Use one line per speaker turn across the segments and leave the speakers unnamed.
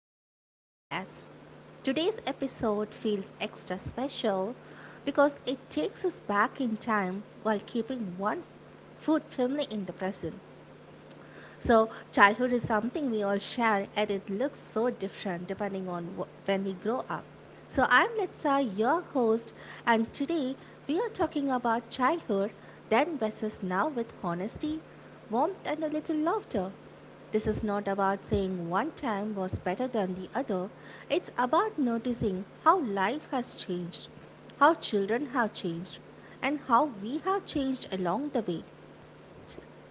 back to our podcast. Today's episode feels extra special because it takes us back in time while keeping one foot firmly in the present. So, childhood is something we all share, and it looks so different depending on when we grow up. So, I'm Litsa, your host, and today we are talking about childhood, then versus now with honesty, warmth, and a little laughter. This is not about saying one time was better than the other, it's about noticing how life has changed, how children have changed, and how we have changed along the way.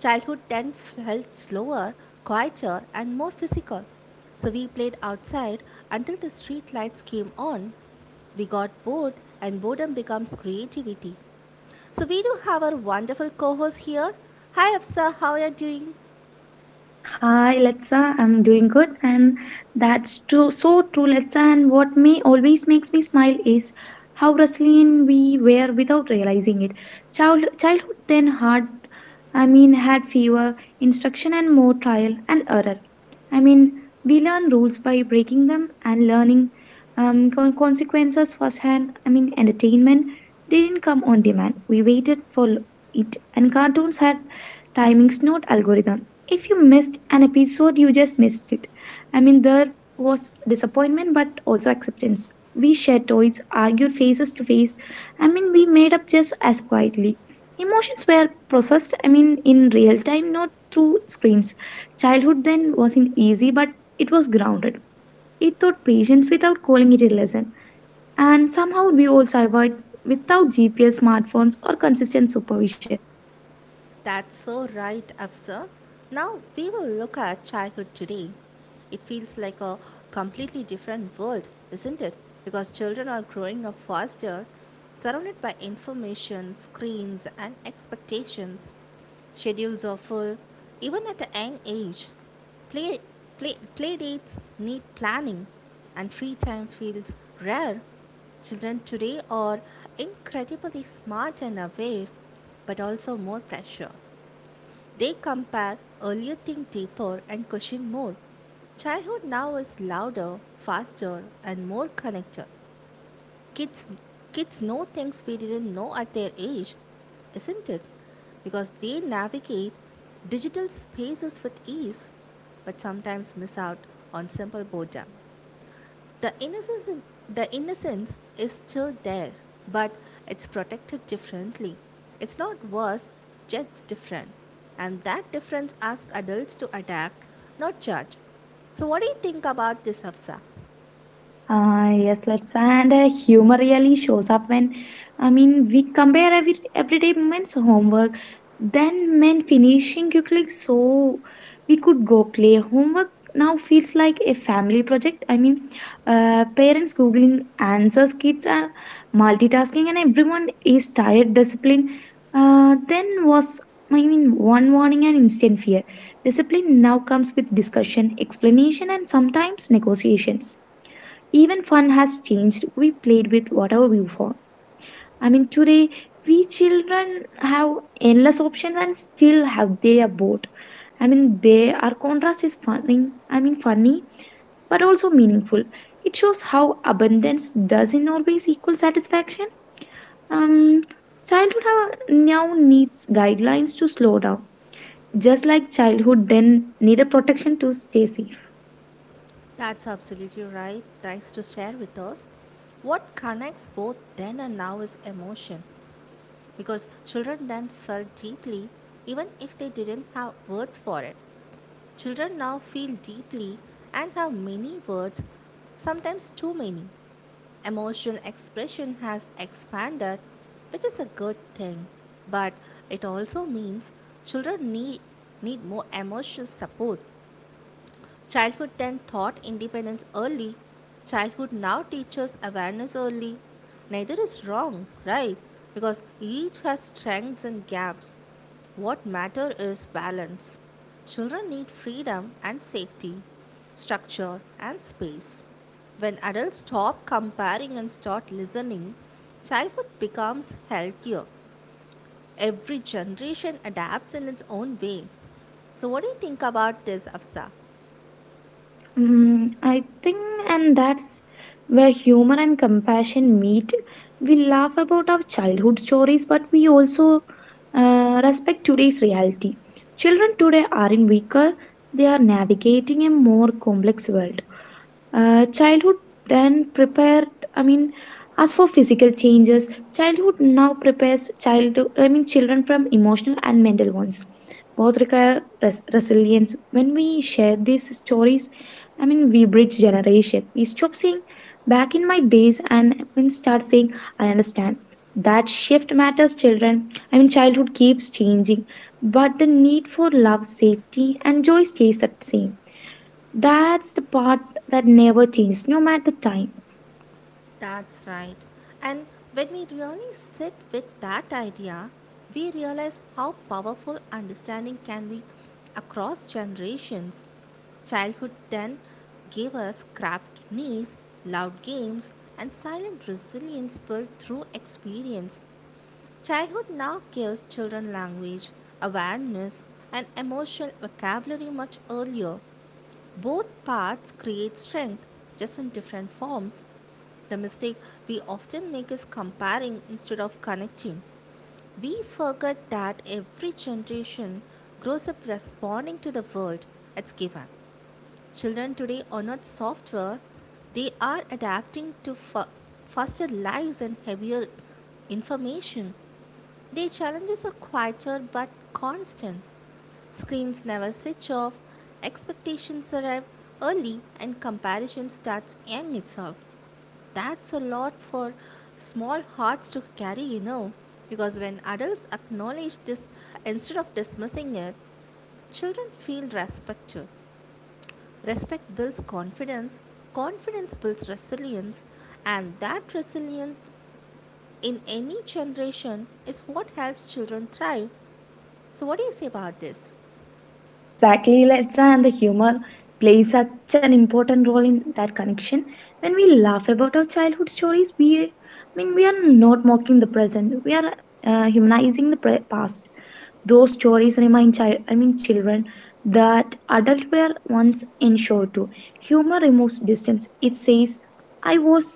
Childhood then felt slower, quieter, and more physical. So we played outside until the street lights came on. We got bored, and boredom becomes creativity. So we do have our wonderful co host here. Hi, Afsa, how are you doing?
Hi, Letsa. I'm doing good, and that's true. So true, Letsa. And what me always makes me smile is how resilient we were without realizing it. Childhood then hard. Had fever, instruction, and more trial and error. I mean, we learn rules by breaking them and learning consequences firsthand. Entertainment didn't come on demand. We waited for it, and cartoons had timings, not algorithm if you missed an episode, you just missed it. There was disappointment but also acceptance. We shared toys, argued faces to face. We made up just as quietly. Emotions were processed, in real time, not through screens. Childhood then wasn't easy, but it was grounded. It taught patience without calling it a lesson. And somehow we all survived without GPS, smartphones, or consistent supervision.
That's so right, Afsar. Now we will look at childhood today. It feels like a completely different world, isn't it? Because children are growing up faster, surrounded by information, screens, and expectations. Schedules are full, even at a young age. Play, Play dates need planning, and free time feels rare. Children today are incredibly smart and aware, but also more pressure. They compare earlier, think deeper, and question more. Childhood now is louder, faster, and more connected. Kids kids know things we didn't know at their age, isn't it? Because they navigate digital spaces with ease but sometimes miss out on simple boredom. the innocence in, the innocence is still there, but it's protected differently. It's not worse, just different, and that difference asks adults to adapt, not judge. So, what do you think about this, Hafsa?
Yes, let's and humor really shows up when we compare everyday moments homework, then when finishing quickly so we could go play homework now feels like a family project. Parents googling answers, kids are multitasking, and everyone is tired. Discipline. Then was one warning and instant fear. Discipline now comes with discussion, explanation, and sometimes negotiations. Even fun has changed. We played with whatever we want. Today we children have endless options and still have they are bored. I mean, they our contrast is funny. Funny, but also meaningful. It shows how abundance doesn't always equal satisfaction. Um, now needs guidelines to slow down, just like childhood then needed protection to stay safe.
That's absolutely right. Thanks to share with us. What connects both then and now is emotion, because children then felt deeply, even if they didn't have words for it. Children now feel deeply and have many words, sometimes too many. Emotional expression has expanded, which is a good thing, but it also means children need more emotional support. Childhood then taught independence early. Childhood now teaches awareness early. Neither is wrong, right? Because each has strengths and gaps. What matter is balance. Children need freedom and safety, structure and space. When adults stop comparing and start listening, childhood becomes healthier. Every generation adapts in its own way. So, what do you think about this, Afsa?
Mm, I think, and that's where humor and compassion meet. We laugh about our childhood stories, but we also respect today's reality. Children today aren't weaker, they are navigating a more complex world. Childhood then prepared, I mean, as for physical changes, childhood now prepares children from emotional and mental ones. Both require resilience. When we share these stories, we bridge generation. We stop saying back in my days and start saying I understand. That shift matters, children. Childhood keeps changing, but the need for love, safety, and joy stays the same. That's the part that never changes, no matter time.
That's right. And when we really sit with that idea, we realize how powerful understanding can be across generations. Childhood then gave us cramped knees, loud games, and silent resilience built through experience. Childhood now gives children language, awareness, and emotional vocabulary much earlier. Both paths create strength, just in different forms. The mistake we often make is comparing instead of connecting. We forget that every generation grows up responding to the world it's given. Children today are not software, they are adapting to faster lives and heavier information. Their challenges are quieter but constant. Screens never switch off, expectations arrive early, and comparison starts young itself. That's a lot for small hearts to carry, you know, because when adults acknowledge this instead of dismissing it, children feel respected. Respect builds confidence, confidence builds resilience, and that resilience in any generation is what helps children thrive. So, what do you say about this?
Exactly, Letsa, and the humor plays such an important role in that connection. When we laugh about our childhood stories, we are not mocking the present. We are humanizing the past. Those stories remind children that adults were once insured to. Humor removes distance. It says, "I was,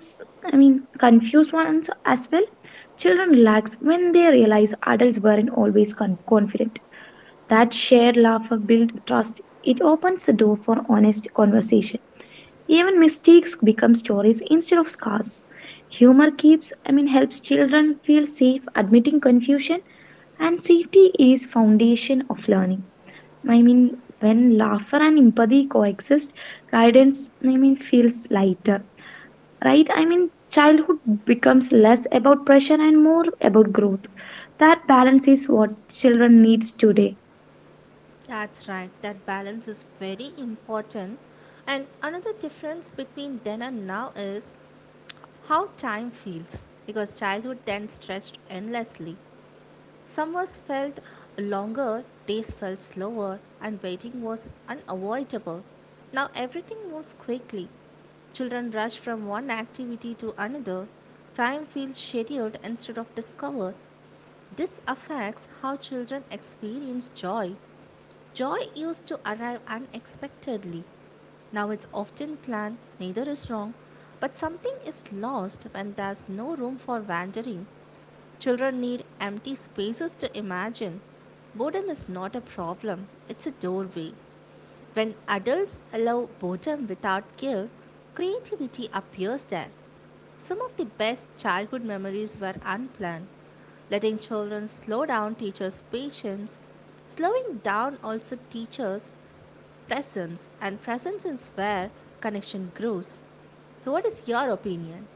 I mean, confused once as well." Children relax when they realize adults weren't always confident. That shared laughter builds trust. It opens the door for honest conversation. Even mistakes become stories instead of scars. Humor keeps, I mean, helps children feel safe admitting confusion, and safety is foundation of learning. I mean, when laughter and empathy coexist, guidance feels lighter, right? Childhood becomes less about pressure and more about growth. That balance is what children needs today.
That's right, that balance is very important. And another difference between then and now is how time feels, because childhood then stretched endlessly. Summers felt longer, days felt slower, and waiting was unavoidable. Now everything moves quickly. Children rush from one activity to another. Time feels scheduled instead of discovered. This affects how children experience joy. Joy used to arrive unexpectedly. Now it's often planned, neither is wrong, but something is lost when there's no room for wandering. Children need empty spaces to imagine. Boredom is not a problem, it's a doorway. When adults allow boredom without guilt, creativity appears there. Some of the best childhood memories were unplanned. Letting children slow down teachers' patience. Slowing down also teachers' presence, and presence is where connection grows. So, what is your opinion?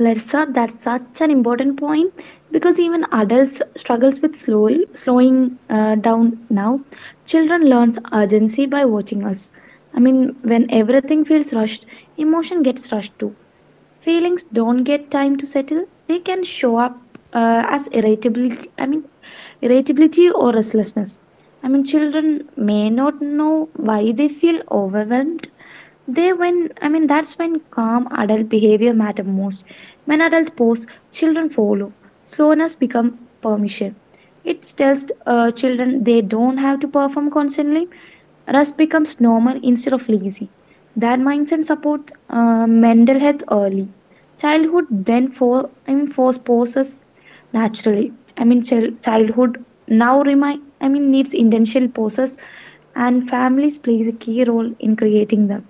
Larsa, that's such an important point because even adults struggles with slowing down now. Children learns urgency by watching us. When everything feels rushed, emotion gets rushed too. Feelings don't get time to settle. They can show up as irritability. Irritability or restlessness. Children may not know why they feel overwhelmed, they when I mean that's when calm adult behavior matter most. When adults pose, children follow. Slowness become permission. It tells children they don't have to perform constantly. Rest becomes normal instead of lazy. That mindset supports mental health early. Childhood then force poses naturally. Childhood now remind I mean needs intentional poses, and families plays a key role in creating them.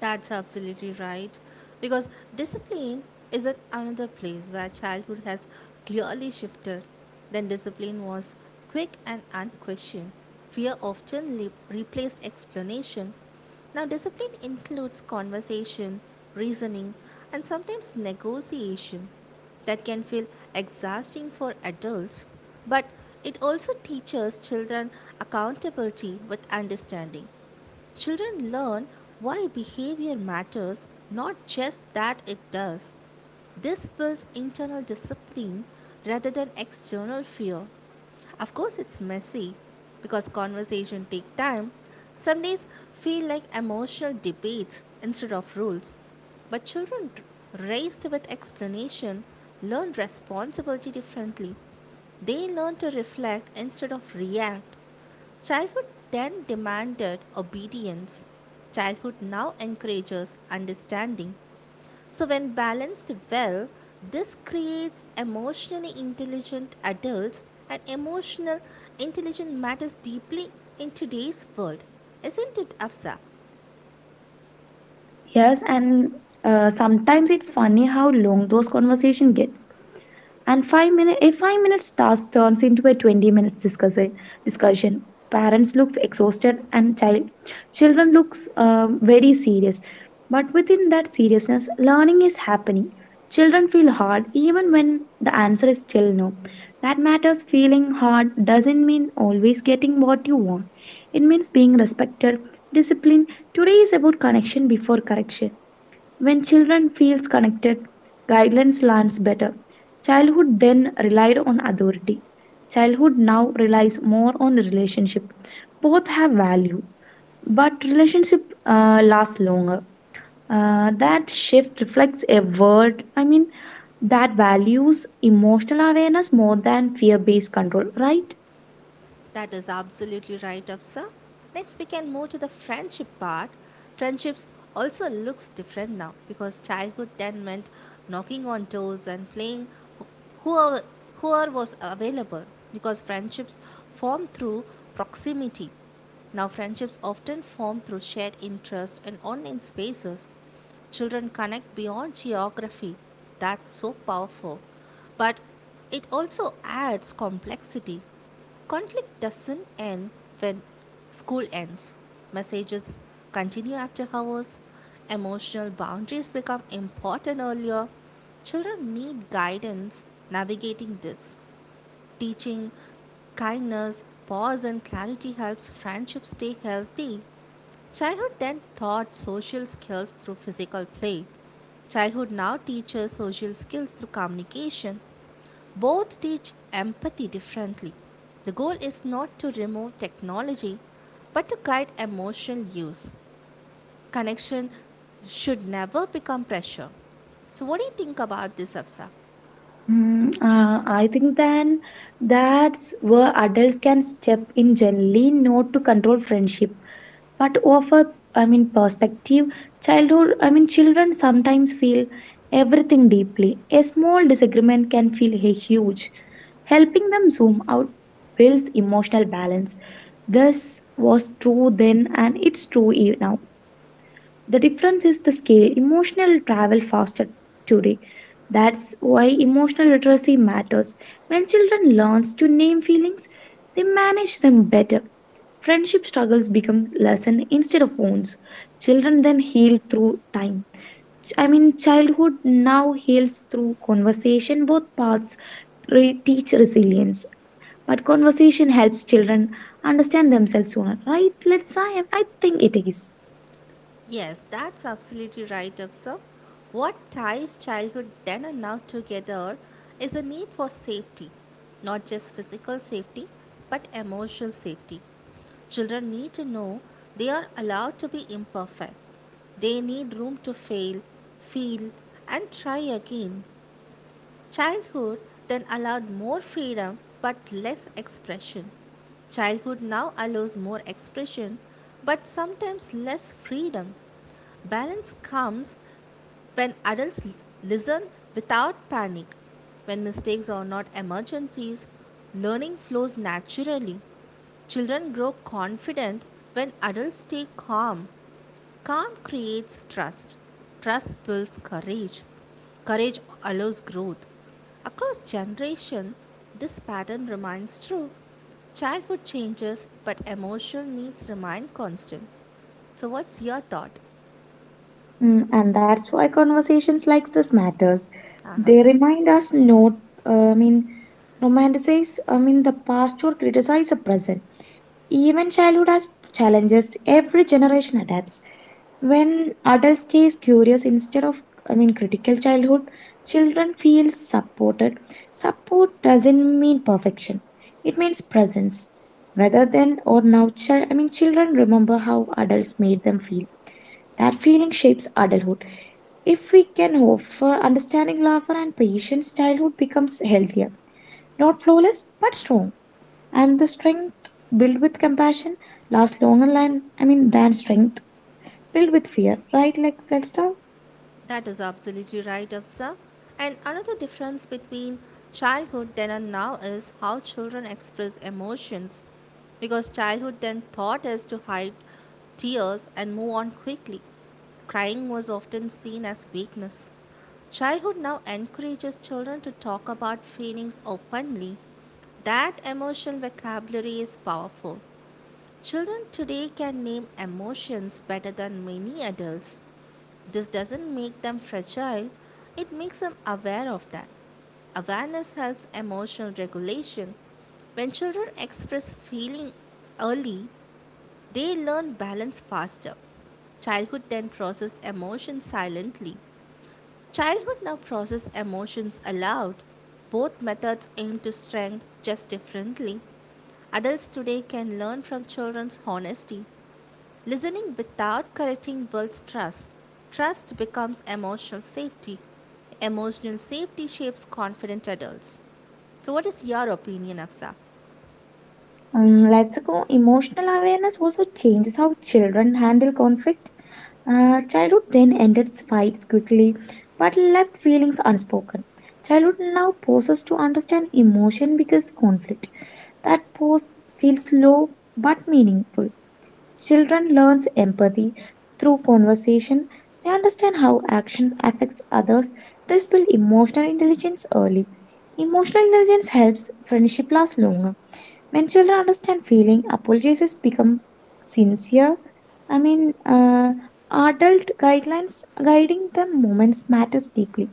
That's absolutely right. Because discipline is at another place where childhood has clearly shifted. Then discipline was quick and unquestioned. Fear often replaced explanation. Now, discipline includes conversation, reasoning, and sometimes negotiation that can feel exhausting for adults, but it also teaches children accountability with understanding. Children learn why behavior matters, not just that it does. This builds internal discipline rather than external fear. Of course, it's messy because conversation take time. Some days feel like emotional debates instead of rules. But children raised with explanation learn responsibility differently. They learn to reflect instead of react. Childhood then demanded obedience. Childhood now encourages understanding. So, when balanced well, this creates emotionally intelligent adults, and emotional intelligence matters deeply in today's world. Isn't it, Afsa?
Yes, and sometimes it's funny how long those conversation gets. And 5 minutes task turns into a 20 minutes discussion. Parents looks exhausted, and children looks very serious. But within that seriousness, learning is happening. Children feel hard even when the answer is still no. That matters. Feeling hard doesn't mean always getting what you want. It means being respected, disciplined. Today is about connection before correction. When children feels connected, guidance lands better. Childhood then relied on authority. Childhood now relies more on relationship. Both have value, but relationship lasts longer. That shift reflects a word. That values emotional awareness more than fear-based control, right?
That is absolutely right, Afsa. Next, we can move to the friendship part. Friendships also looks different now because childhood then meant knocking on doors and playing wh- whoever, whoever was available because friendships form through proximity. Now, friendships often form through shared interest and online spaces. Children connect beyond geography. That's so powerful. But it also adds complexity. Conflict doesn't end when school ends. Messages continue after hours. Emotional boundaries become important earlier. Children need guidance navigating this. Teaching kindness, pause, and clarity helps friendships stay healthy. Childhood then taught social skills through physical play. Childhood now teaches social skills through communication. Both teach empathy differently. The goal is not to remove technology, but to guide emotional use. Connection should never become pressure. So, what do you think about this, Afsa?
I think then that's where adults can step in gently, not to control friendship but of a perspective. Childhood I mean children sometimes feel everything deeply. A small disagreement can feel a huge. Helping them zoom out builds emotional balance. This was true then and it's true now. The difference is the scale. Emotional travel faster today. That's why emotional literacy matters. When children learns to name feelings, they manage them better. Friendship struggles become lesson instead of wounds. Children then heal through time. Childhood now heals through conversation. Both paths teach resilience, but conversation helps children understand themselves sooner. Right? Let's. I think it is.
Yes, that's absolutely right, Afsar. What ties childhood then and now together is a need for safety, not just physical safety, but emotional safety. Children need to know they are allowed to be imperfect. They need room to fail, feel, and try again. Childhood then allowed more freedom but less expression. Childhood now allows more expression but sometimes less freedom. Balance comes when adults listen without panic. When mistakes are not emergencies, learning flows naturally. Children grow confident when adults stay calm. Calm creates trust. Trust builds courage. Courage allows growth. Across generation, this pattern remains true. Childhood changes, but emotional needs remain constant. So, what's your thought?
Mm, and that's why conversations like this matters.
Uh-huh.
They remind us not, uh, I mean, romanticize, the past or criticize the present. Even childhood has challenges. Every generation adapts. When adults stays curious instead of, critical childhood, children feel supported. Support doesn't mean perfection. It means presence. Whether then or now, children remember how adults made them feel. That feeling shapes adulthood. If we can hope for understanding, laughter, and patience, childhood becomes healthier. Not flawless, but strong. And the strength built with compassion lasts longer than than strength built with fear. Right, like Elsa?
That is absolutely right, Afsa. And another difference between childhood then and now is how children express emotions. Because childhood then thought is to hide tears and move on quickly. Crying was often seen as weakness. Childhood now encourages children to talk about feelings openly. That emotional vocabulary is powerful. Children today can name emotions better than many adults. This doesn't make them fragile, it makes them aware of that. Awareness helps emotional regulation. When children express feelings early, they learn balance faster. Childhood then processed emotions silently. Childhood now process emotions aloud. Both methods aim to strength just differently. Adults today can learn from children's honesty. Listening without correcting builds trust. Trust becomes emotional safety. Emotional safety shapes confident adults. So, what is your opinion, Afsa?
Let's go. Emotional awareness also changes how children handle conflict. Childhood then ended fights quickly but left feelings unspoken. Childhood now pauses to understand emotion because conflict. That pause feels slow but meaningful. Children learns empathy through conversation. They understand how action affects others. This build emotional intelligence early. Emotional intelligence helps friendship last longer. When children understand feeling, apologies become sincere. I mean, uh, adult guidelines guiding them. Moments matters deeply.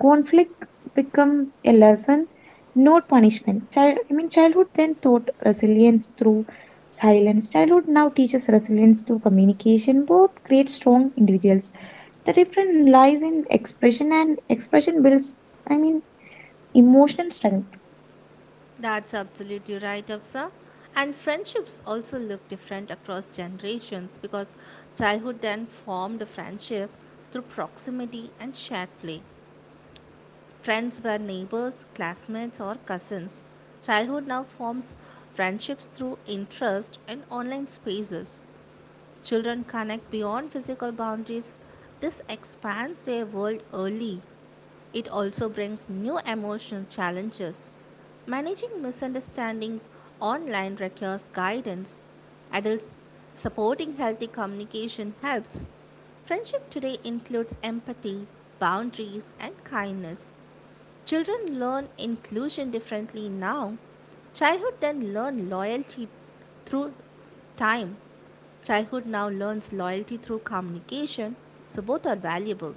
Conflict become a lesson, not punishment. Childhood then taught resilience through silence. Childhood now teaches resilience through communication. Both create strong individuals. The difference lies in expression, and expression builds, I mean, emotional strength.
That's absolutely right, Afsa. And friendships also look different across generations because childhood then formed a friendship through proximity and shared play. Friends were neighbors, classmates, or cousins. Childhood now forms friendships through interest and online spaces. Children connect beyond physical boundaries. This expands their world early. It also brings new emotional challenges. Managing misunderstandings online requires guidance. Adults supporting healthy communication helps. Friendship today includes empathy, boundaries, and kindness. Children learn inclusion differently now. Childhood then learn loyalty through time. Childhood now learns loyalty through communication, so both are valuable.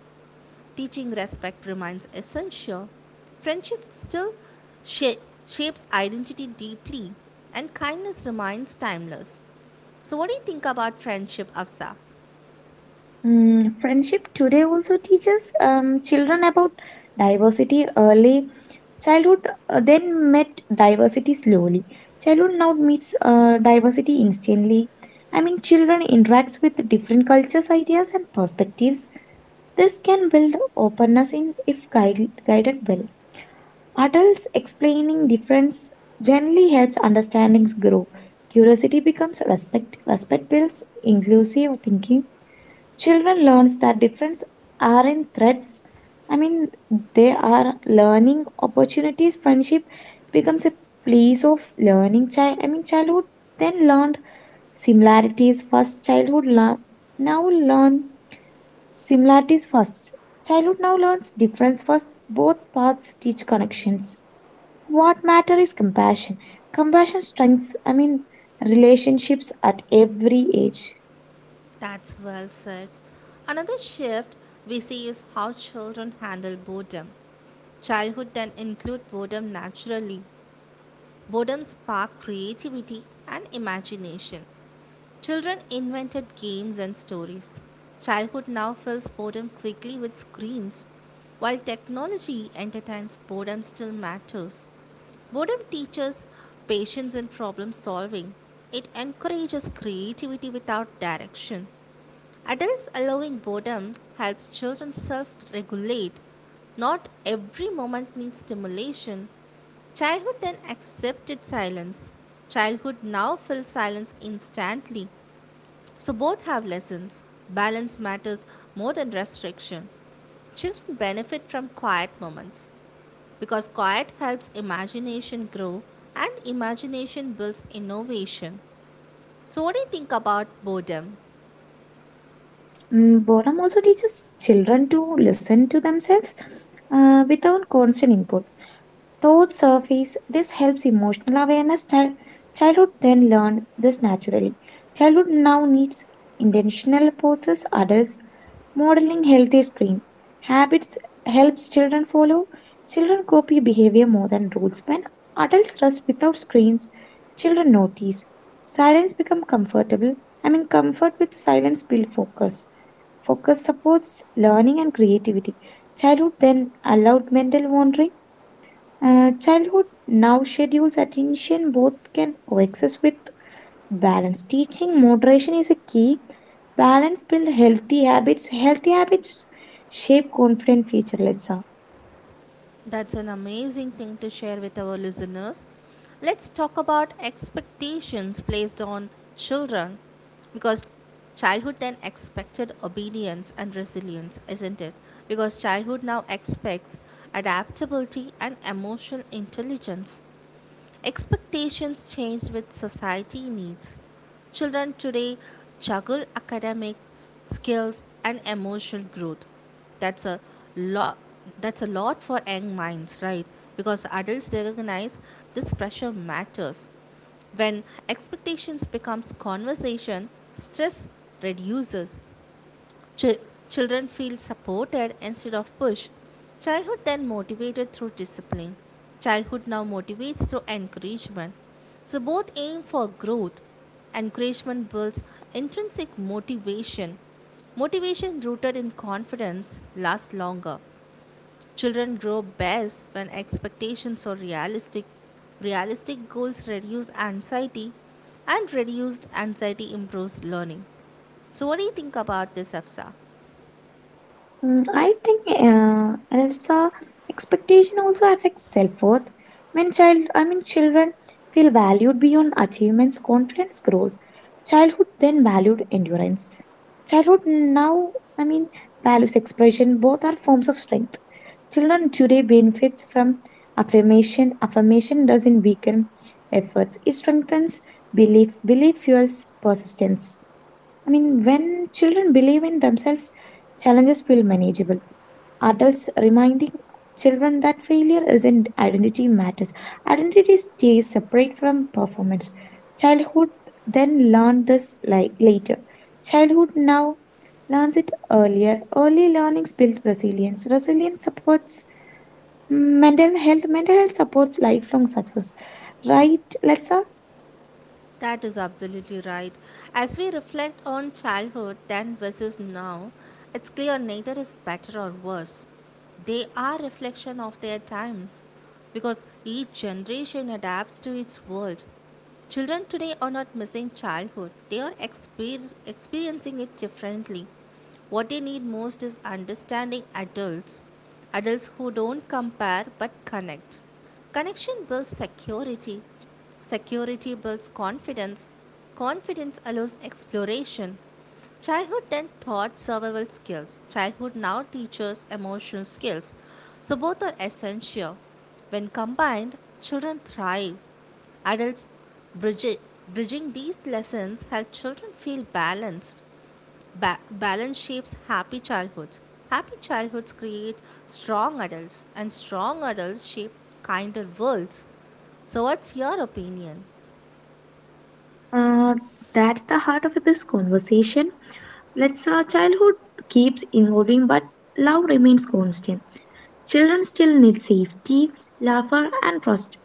Teaching respect remains essential. Friendship still sha- shapes identity deeply, and kindness remains timeless. So, what do you think about friendship, Afsa?
Mm, friendship today also teaches children about diversity early. Childhood then met diversity slowly. Childhood now meets diversity instantly. Children interacts with different cultures, ideas, and perspectives. This can build openness in if guided well. Adults explaining difference generally helps understandings grow. Curiosity becomes respect. Respect builds inclusive thinking. Children learns that difference aren't threats. I mean, they are learning opportunities. Friendship becomes a place of learning. Childhood then learned similarities first. Childhood learn now learn similarities first. Childhood now learns difference first. Both paths teach connections. What matter is compassion. Compassion strengthens. Relationships at every age.
That's well said. Another shift we see is how children handle boredom. Childhood can include boredom naturally. Boredom sparked creativity and imagination. Children invented games and stories. Childhood now fills boredom quickly with screens. While technology entertains, boredom still matters. Boredom teaches patience and problem solving. It encourages creativity without direction. Adults allowing boredom helps children self regulate. Not every moment needs stimulation. Childhood then accepted silence. Childhood now fills silence instantly. So both have lessons. Balance matters more than restriction. Children benefit from quiet moments because quiet helps imagination grow and imagination builds innovation. So, what do you think about boredom?
Mm, boredom also teaches children to listen to themselves without constant input thoughts surface. This helps emotional awareness. Childhood then learned this naturally. Childhood now needs intentional process. Adults modeling healthy screen habits helps children follow. Children copy behavior more than rules. When adults rest without screens, children notice. Silence become comfortable. Comfort with silence build focus. Focus supports learning and creativity. Childhood then allowed mental wandering. Childhood now schedules attention both can coexist with balance. Teaching moderation is a key. Balance build healthy habits. Healthy habits shape confident future. Let's say.
That's an amazing thing to share with our listeners. Let's talk about expectations placed on children because childhood then expected obedience and resilience, isn't it? Because childhood now expects adaptability and emotional intelligence. Expectations change with society needs. Children today juggle academic skills and emotional growth. That's a lot that's a lot for young minds, right? Because adults recognize this pressure matters. When expectations becomes conversation, stress reduces. Chil- Children feel supported instead of pushed. Childhood then motivated through discipline. Childhood now motivates through encouragement. So both aim for growth. Encouragement builds intrinsic motivation. Motivation rooted in confidence lasts longer. Children grow best when expectations are realistic. Realistic goals reduce anxiety, and reduced anxiety improves learning. So, what do you think about this, Afsa?
I think Elsa expectation also affects self-worth. When children feel valued beyond achievements, confidence grows. Childhood then valued endurance. Childhood now, I mean, values expression. Both are forms of strength. Children today benefits from affirmation. Affirmation doesn't weaken efforts. It strengthens belief. Belief fuels persistence. When children believe in themselves, challenges feel manageable. Adults reminding children that failure isn't identity matters. Identity stays separate from performance. Childhood then learned this like later. Childhood now learns it earlier. Early learnings build resilience. Resilience supports mental health. Mental health supports lifelong success. Right, Let's.
That is absolutely right. As we reflect on childhood then versus now, it's clear neither is better or worse. They are reflection of their times because each generation adapts to its world. Children today are not missing childhood. They are experiencing it differently. What they need most is understanding adults. Adults who don't compare but connect. Connection builds security. Security builds confidence. Confidence allows exploration. Childhood then taught survival skills. Childhood now teaches emotional skills. So both are essential. When combined, children thrive. Adults bridge- bridging these lessons help children feel balanced. Balance shapes happy childhoods. Happy childhoods create strong adults, and strong adults shape kinder worlds. So, what's your opinion?
Uh, that's the heart of this conversation. Let's our childhood keeps evolving, but love remains constant. Children still need safety, laughter, and trust.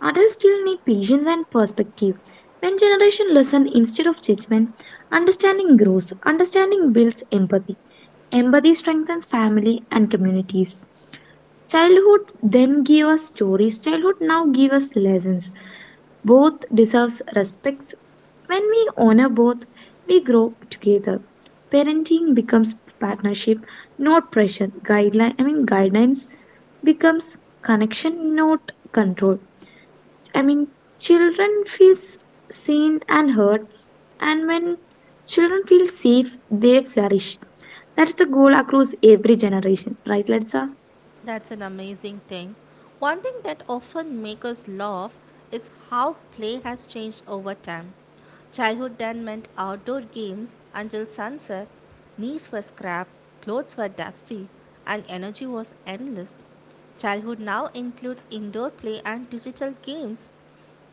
Adults still need patience and perspective. When generation listen instead of judgment, understanding grows. Understanding builds empathy. Empathy strengthens family and communities. Childhood then gave us stories. Childhood now give us lessons. Both deserves respects. When we honor both, we grow together. Parenting becomes partnership, not pressure. Guidelines becomes connection, not control. I mean children feels seen and heard, and when children feel safe, they flourish. That's the goal across every generation, right, Letsa?
That's an amazing thing. One thing that often makes us laugh is how play has changed over time. Childhood then meant outdoor games until sunset, knees were scrapped, clothes were dusty, and energy was endless. Childhood now includes indoor play and digital games.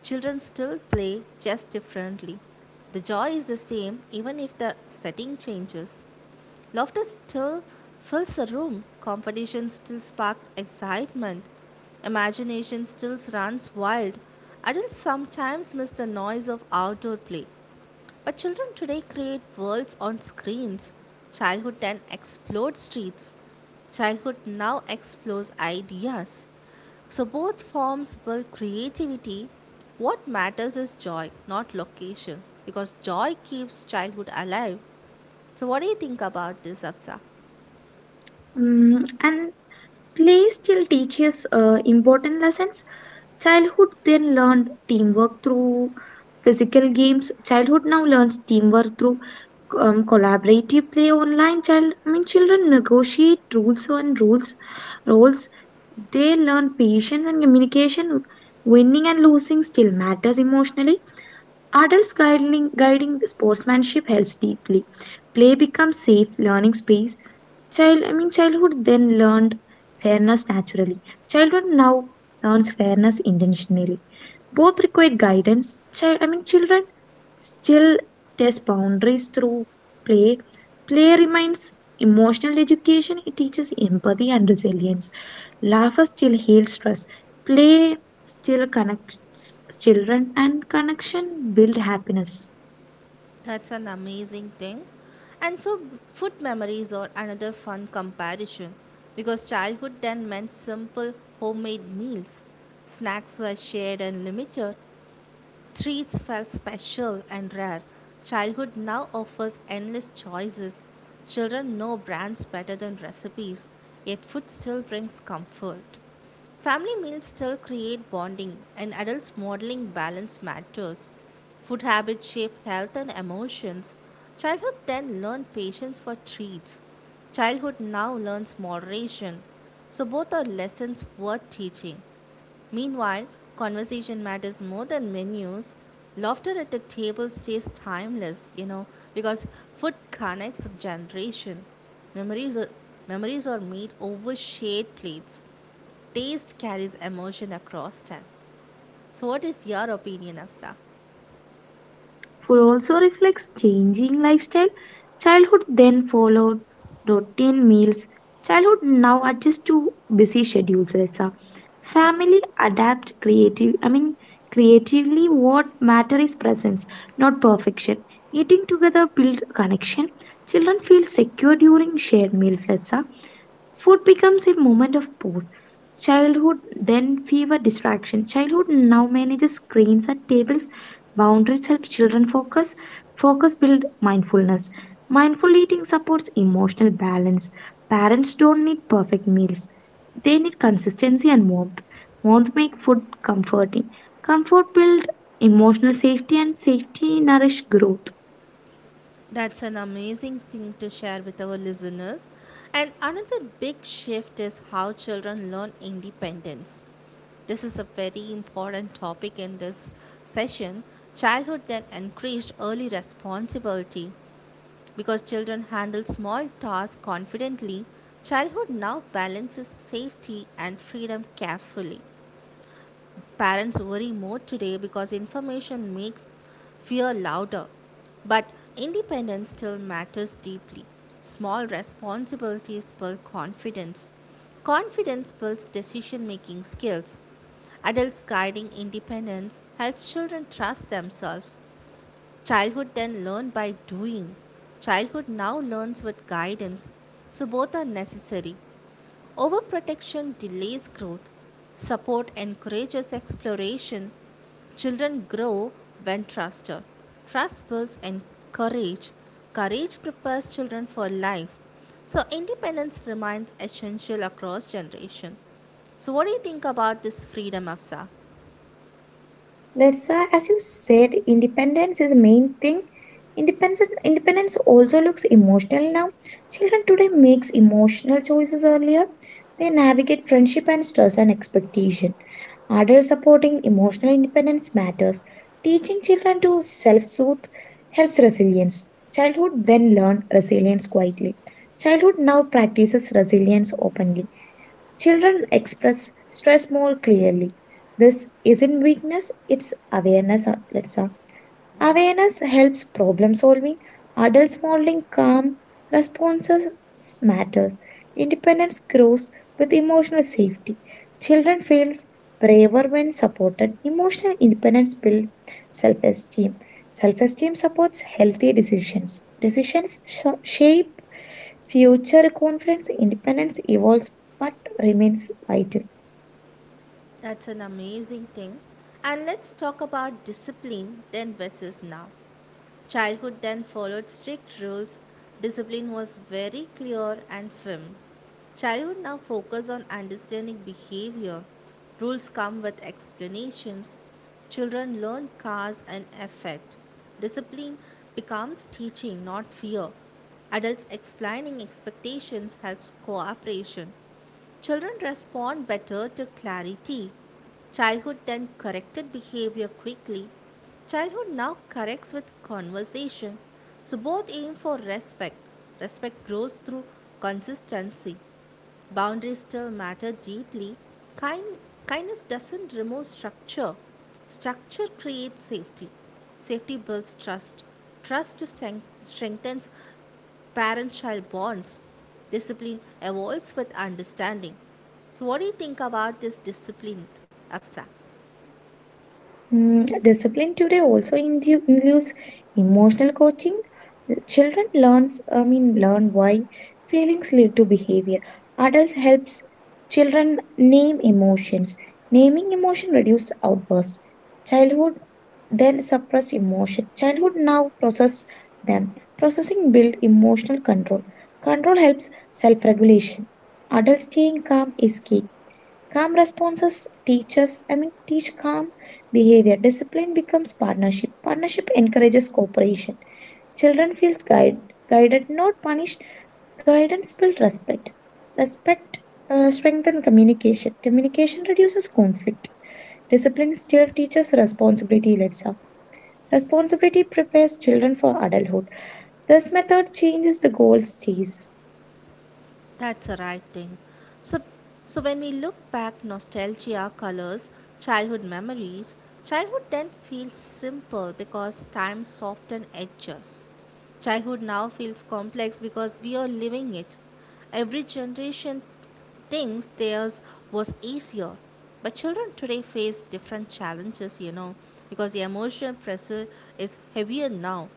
Children still play just differently. The joy is the same even if the setting changes. Laughter still fills a room, competition still sparks excitement, imagination still runs wild. Adults sometimes miss the noise of outdoor play, but children today create worlds on screens. Childhood then explored streets. Childhood now explores ideas. So both forms build creativity. What matters is joy, not location, because joy keeps childhood alive. So what do you think about this, Absa?
Mm, and Play still teaches important lessons. Childhood then learned teamwork through physical games. Childhood now learns teamwork through collaborative play online. Children negotiate rules and rules roles. They learn patience and communication. Winning and losing still matters emotionally. Adults guiding sportsmanship helps deeply. Play becomes safe learning space. Childhood then learned fairness naturally. Childhood now learns fairness intentionally. Both require guidance. Children still test boundaries through play. Play reminds emotional education. It teaches empathy and resilience. Laughter still heals stress. Play still connects children and connection build happiness.
That's an amazing thing. And food memories are another fun comparison because childhood then meant simple homemade meals. Snacks were shared and limited. Treats felt special and rare. Childhood now offers endless choices. Children know brands better than recipes, yet food still brings comfort. Family meals still create bonding, and adults modeling balance matters. Food habits shape health and emotions. Childhood then learned patience for treats. Childhood now learns moderation. So both are lessons worth teaching. Meanwhile, conversation matters more than menus. Laughter at the table stays timeless, you know, because food connects generation. Memories are, memories are made over shared plates. Taste carries emotion across time. So, what is your opinion, Afsa?
Food also reflects changing lifestyle. Childhood then followed routine meals. Childhood now adjusts to busy schedules. Resa. Family adapt creative. I mean, creatively, what matter is presence, not perfection. Eating together build connection. Children feel secure during shared meals. Resa. Food becomes a moment of pause. Childhood then fever distraction. Childhood now manages screens at tables. Boundaries help children focus. Focus build mindfulness. Mindful eating supports emotional balance. Parents don't need perfect meals. They need consistency and warmth. Warmth make food comforting. Comfort build emotional safety and safety nourish growth.
That's an amazing thing to share with our listeners. And another big shift is how children learn independence. This is a very important topic in this session. Childhood then increased early responsibility because children handle small tasks confidently. Childhood now balances safety and freedom carefully. Parents worry more today because information makes fear louder. But independence still matters deeply. Small responsibilities build confidence. Confidence builds decision making skills. Adults guiding independence helps children trust themselves. Childhood then learned by doing. Childhood now learns with guidance. So both are necessary. Overprotection delays growth. Support encourages exploration. Children grow when trusted. Trust builds and courage. Courage prepares children for life. So independence remains essential across generation. So what do you think about this freedom, Afsa?
That's As you said, independence is the main thing. Independence also looks emotional now. Children today makes emotional choices earlier. They navigate friendship and stress and expectation. Adult supporting emotional independence matters. Teaching children to self-soothe helps resilience. Childhood then learn resilience quietly. Childhood now practices resilience openly. Children express stress more clearly. This isn't weakness, it's awareness outlets. Awareness helps problem solving. Adults modeling calm responses matters. Independence grows with emotional safety. Children feels braver when supported. Emotional independence builds self-esteem. Self-esteem supports healthy decisions. Decisions shape future confidence. Independence evolves but remains vital.
That's an amazing thing. And let's talk about discipline then versus now. Childhood then followed strict rules, discipline was very clear and firm. Childhood now focus on understanding behavior. Rules come with explanations. Children learn cause and effect. Discipline becomes teaching, not fear. Adults explaining expectations helps cooperation. Children respond better to clarity. Childhood then corrected behavior quickly. Childhood now corrects with conversation. So both aim for respect. Respect grows through consistency. Boundaries still matter deeply. Kind, kindness doesn't remove structure. Structure creates safety. Safety builds trust. Trust strengthens parent child bonds. Discipline evolves with understanding. So, what do you think about this discipline, Afsa?
Mm, discipline today also includes emotional coaching. Children learn why feelings lead to behavior. Adults helps children name emotions. Naming emotion reduce outburst. Childhood then suppress emotion. Childhood now process them. Processing build emotional control. Control helps self-regulation. Adult staying calm is key. Calm responses teach us, I mean, teach calm behavior. Discipline becomes partnership. Partnership encourages cooperation. Children feels guided, not punished. Guidance builds respect. Respect strengthens communication. Communication reduces conflict. Discipline still teaches responsibility, let's say. Responsibility prepares children for adulthood. This method changes the goal stays.
That's a right thing. So, so when we look back, nostalgia colors childhood memories. Childhood then feels simple because time softened edges. Childhood now feels complex because we are living it. Every generation thinks theirs was easier. But children today face different challenges, you know, because the emotional pressure is heavier now.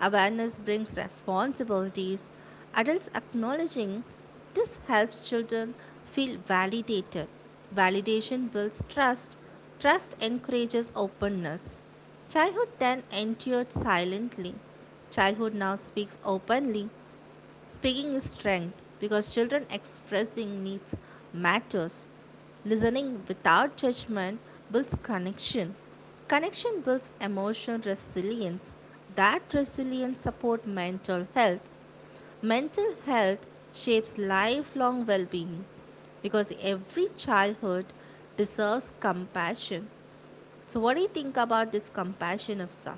Awareness brings responsibilities. Adults acknowledging this helps children feel validated. Validation builds trust. Trust encourages openness. Childhood then entered silently. Childhood now speaks openly. Speaking is strength because children expressing needs matters. Listening without judgment builds connection. Connection builds emotional resilience. That resilience supports mental health. Mental health shapes lifelong well being because every childhood deserves compassion. So, what do you think about this compassion, Afsa?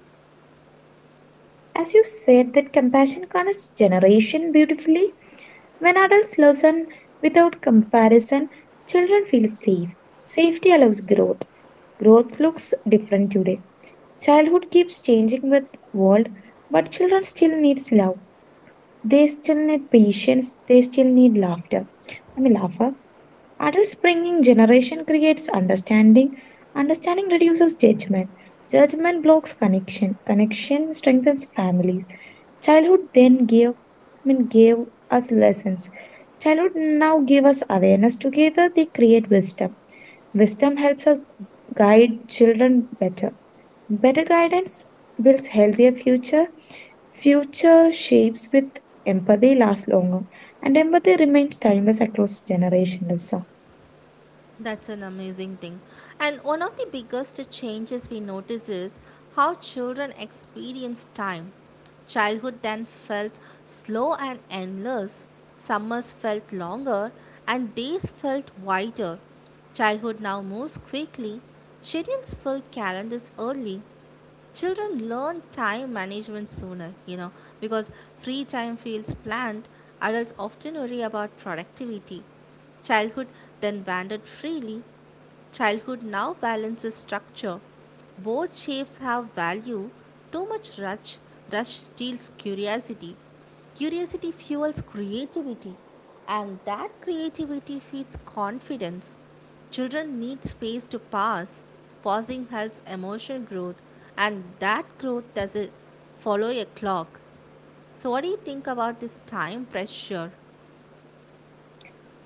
As you said, that compassion connects generation beautifully. When adults listen without comparison, children feel safe. Safety allows growth. Growth looks different today. Childhood keeps changing with world, but children still needs love. They still need patience. They still need laughter. I mean laughter. Adults bringing generation creates understanding. Understanding reduces judgment. Judgment blocks connection. Connection strengthens families. Childhood then gave us lessons. Childhood now give us awareness. Together they create wisdom. Wisdom helps us guide children better. Better guidance builds healthier future. Future shapes with empathy last longer. And empathy remains timeless across generations.
That's an amazing thing. And one of the biggest changes we notice is how children experience time. Childhood then felt slow and endless, summers felt longer, and days felt wider. Childhood now moves quickly, schedules fill calendars early. Children learn time management sooner, you know, because free time feels planned. Adults often worry about productivity. Childhood then wandered freely. Childhood now balances structure. Both shapes have value. Too much rush, rush steals curiosity. Curiosity fuels creativity, and that creativity feeds confidence. Children need space to pause. Pausing helps emotional growth, and that growth doesn't follow a clock. So, what do you think about this time pressure?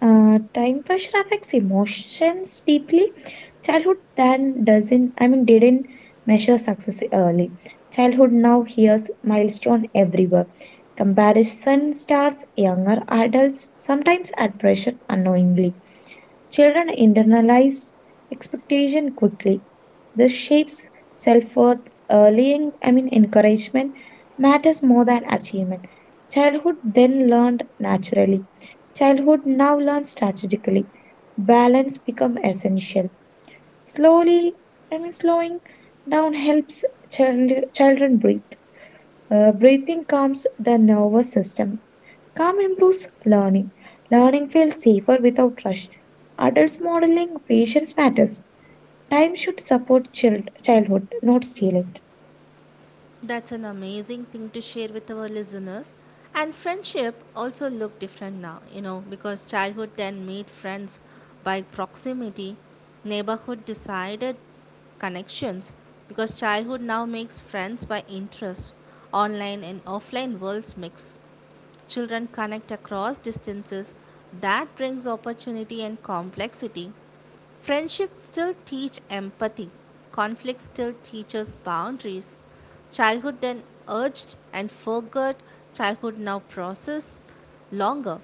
Time pressure affects emotions deeply. Childhood then doesn't, I mean, didn't measure success early. Childhood now hears milestone everywhere. Comparison starts younger adults, sometimes at pressure unknowingly. Children internalize expectation quickly. This shapes self worth early. Encouragement matters more than achievement. Childhood then learned naturally. Childhood now learns strategically. Balance become essential. Slowly, Slowing down helps children breathe. Breathing calms the nervous system. Calm improves learning. Learning feels safer without rush. Adults modeling patience matters. Time should support child childhood, not steal it.
That's an amazing thing to share with our listeners. And friendship also look different now, you know, because childhood then made friends by proximity, neighborhood decided connections, because childhood now makes friends by interest, online and offline worlds mix. Children connect across distances. That brings opportunity and complexity. Friendships still teach empathy. Conflict still teaches boundaries. Childhood then urged and forgot. Childhood now process longer.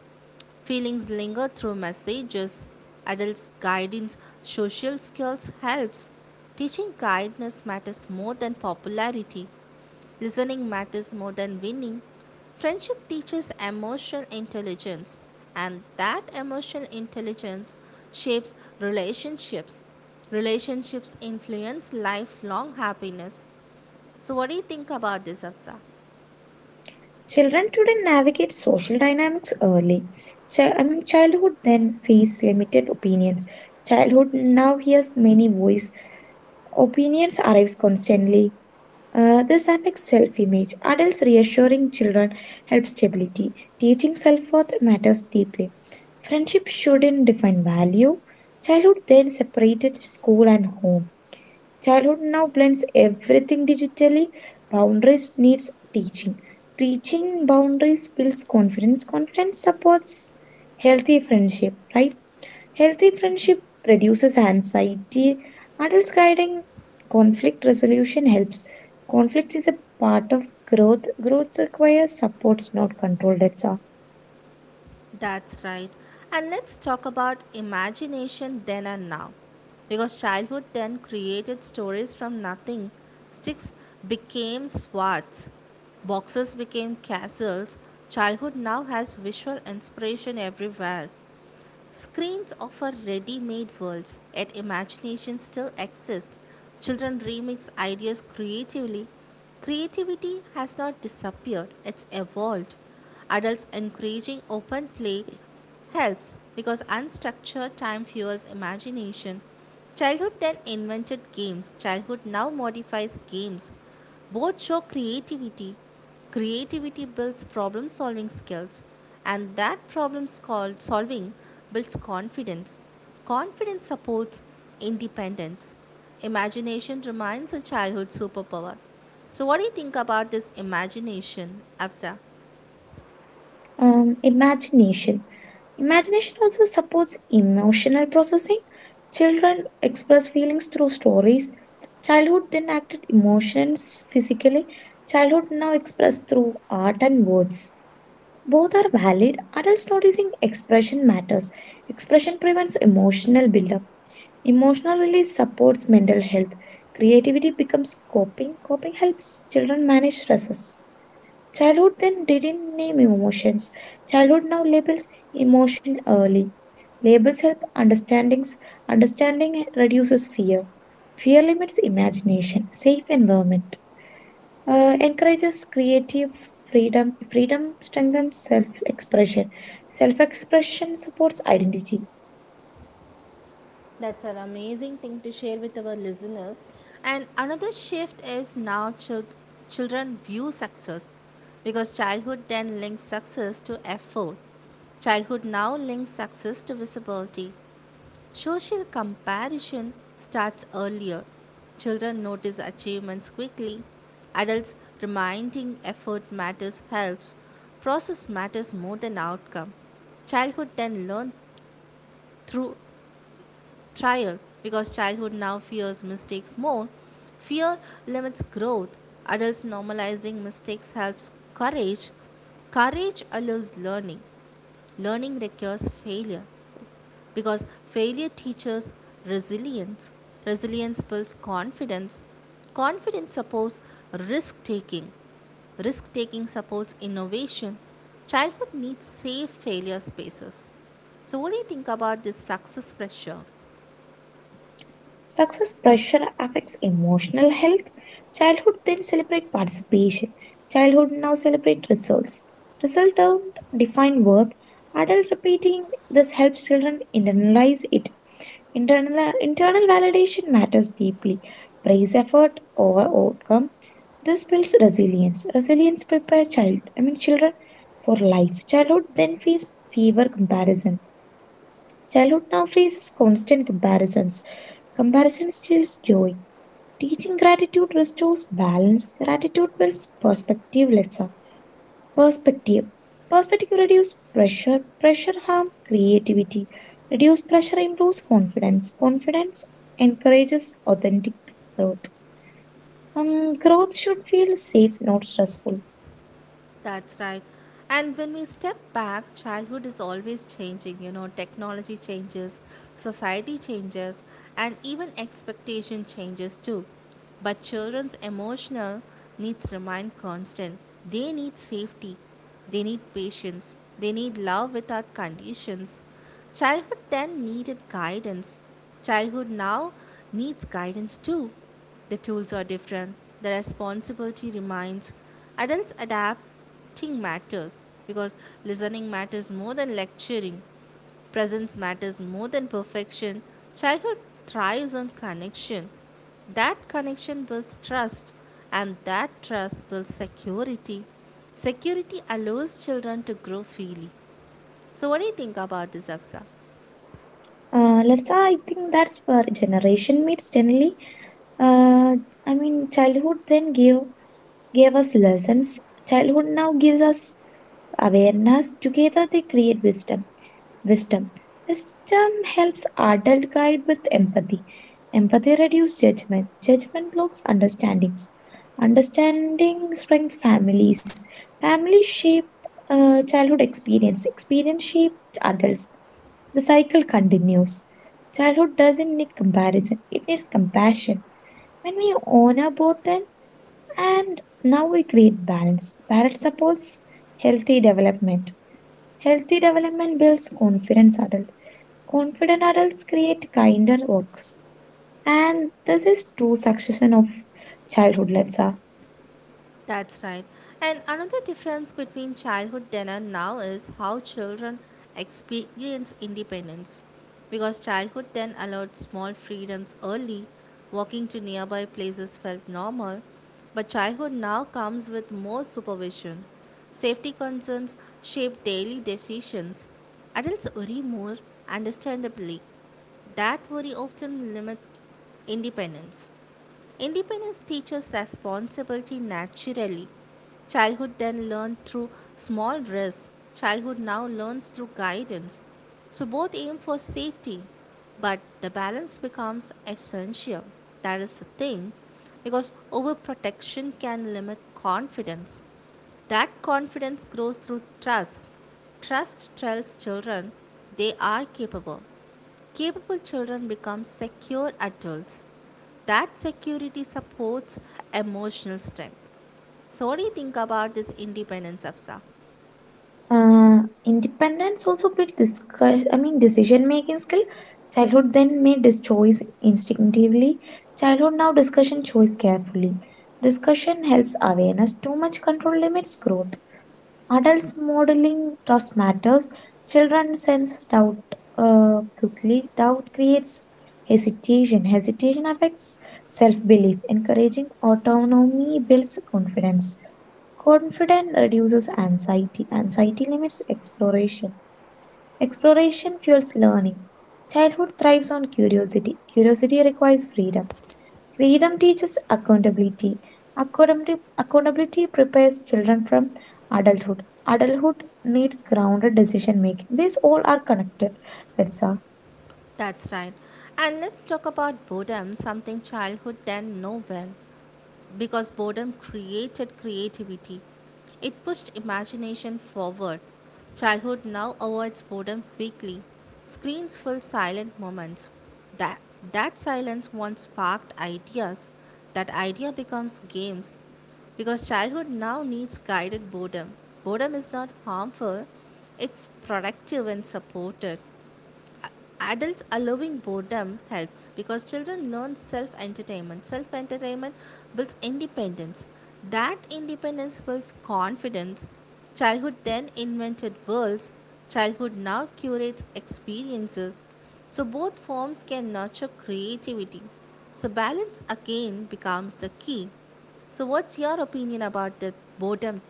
Feelings linger through messages. Adults' guidance, social skills helps. Teaching kindness matters more than popularity. Listening matters more than winning. Friendship teaches emotional intelligence, and that emotional intelligence shapes relationships. Relationships influence lifelong happiness. So, what do you think about this, Afza?
Children today navigate social dynamics early. Childhood then face limited opinions. Childhood now hears many voice. Opinions arrives constantly. This affects self-image. Adults reassuring children helps stability. Teaching self-worth matters deeply. Friendship shouldn't define value. Childhood then separated school and home. Childhood now blends everything digitally. Boundaries needs teaching. Teaching boundaries builds confidence. Confidence supports healthy friendship, right? Healthy friendship reduces anxiety. Adults guiding conflict resolution helps. Conflict is a part of growth. Growth requires supports, not control. That's all.
That's right. And let's talk about imagination then and now. Because childhood then created stories from nothing. Sticks became swords, boxes became castles. Childhood now has visual inspiration everywhere. Screens offer ready made worlds, yet imagination still exists. Children remix ideas creatively. Creativity has not disappeared, it's evolved. Adults encouraging open play helps because unstructured time fuels imagination. Childhood then invented games, childhood now modifies games. Both show creativity. Creativity builds problem solving skills, and that solving builds confidence. Confidence supports independence. Imagination remains a childhood superpower. So, what do you think about this imagination, Afsa?
Um, imagination. Imagination also supports emotional processing. Children express feelings through stories. Childhood then acted emotions physically. Childhood now expressed through art and words. Both are valid. Adults noticing expression matters. Expression prevents emotional buildup. Emotional release supports mental health. Creativity becomes coping. Coping helps children manage stresses. Childhood then didn't name emotions. Childhood now labels emotion early. Labels help understandings. Understanding reduces fear. Fear limits imagination. Safe environment encourages creative freedom. Freedom strengthens self expression. Self expression supports identity.
That's an amazing thing to share with our listeners. And another shift is now children view success because childhood then links success to effort. Childhood now links success to visibility. Social comparison starts earlier. Children notice achievements quickly. Adults reminding effort matters helps. Process matters more than outcome. Childhood then learn through trial because childhood now fears mistakes more. Fear limits growth. Adults normalizing mistakes helps courage. Courage allows learning. Learning requires failure because failure teaches resilience. Resilience builds confidence. Confidence supports risk taking. Risk taking supports innovation. Childhood needs safe failure spaces. So, what do you think about this success pressure?
Success pressure affects emotional health. Childhood then celebrate participation. Childhood now celebrate results. Results don't define worth. Adult repeating this helps children internalize it. Internal validation matters deeply. Praise effort over outcome. This builds resilience. Resilience prepare children for life. Childhood then feels fever comparison. Childhood now faces constant comparisons. Comparison steals joy. Teaching gratitude restores balance. Gratitude builds perspective. Let's have perspective. Perspective reduces pressure. Pressure harm creativity. Reduced pressure improves confidence. Confidence encourages authentic growth. Growth should feel safe, not stressful.
That's right. And when we step back, childhood is always changing. You know, technology changes, society changes, and even expectation changes too. But children's emotional needs remain constant. They need safety, they need patience, they need love without conditions. Childhood then needed guidance. Childhood now needs guidance too. The tools are different, the responsibility remains. Adults adapting matters because listening matters more than lecturing, presence matters more than perfection. Childhood thrives on connection. That connection builds trust, and that trust builds security. Security allows children to grow freely. So, what do you think about this, Absa?
Let's I think that's where generation meets generally. Uh, Childhood then gave us lessons. Childhood now gives us awareness. Together they create wisdom. Wisdom. Wisdom helps adult guide with empathy. Empathy reduces judgment. Judgment blocks understandings. Understanding strengthens families. Families shape childhood experience. Experience shapes adults. The cycle continues. Childhood doesn't need comparison, it needs compassion. When we honor both them, and now we create balance. Balance supports healthy development. Healthy development builds confidence adult. Confident adults create kinder works. And this is true succession of childhood, let's say.
That's right. And another difference between childhood dinner now is how children experience independence. Because childhood then allowed small freedoms early, walking to nearby places felt normal, but childhood now comes with more supervision. Safety concerns shape daily decisions. Adults worry more, understandably. That worry often limits independence. Independence teaches responsibility naturally. Childhood then learned through small risks. Childhood now learns through guidance. So both aim for safety, but the balance becomes essential. That is the thing, because overprotection can limit confidence. That confidence grows through trust. Trust tells children they are capable. Capable children become secure adults. That security supports emotional strength. So, what do you think about this independence, Afsa?
Independence also build discuss I mean decision making skill. Childhood then made this choice instinctively. Childhood now discussion choice carefully. Discussion helps awareness. Too much control limits growth. Adults modeling trust matters. Children sense doubt quickly. Doubt creates hesitation. Hesitation affects self belief. Encouraging autonomy builds confidence. Confidence reduces anxiety. Anxiety limits exploration. Exploration fuels learning. Childhood thrives on curiosity. Curiosity requires freedom. Freedom teaches accountability. Accountability prepares children from adulthood. Adulthood needs grounded decision making. These all are connected. That's all.
That's right. And let's talk about boredom, something childhood then know well, because boredom created creativity. It pushed imagination forward. Childhood now avoids boredom quickly. Screens fill silent moments. That, that silence once sparked ideas. That idea becomes games. Because childhood now needs guided boredom. Boredom is not harmful, it's productive and supported. Adults allowing boredom helps because children learn self entertainment builds independence. That independence builds confidence. Childhood then invented worlds. Childhood now curates experiences. So both forms can nurture creativity. So balance again becomes the key. So what's your opinion about the boredom?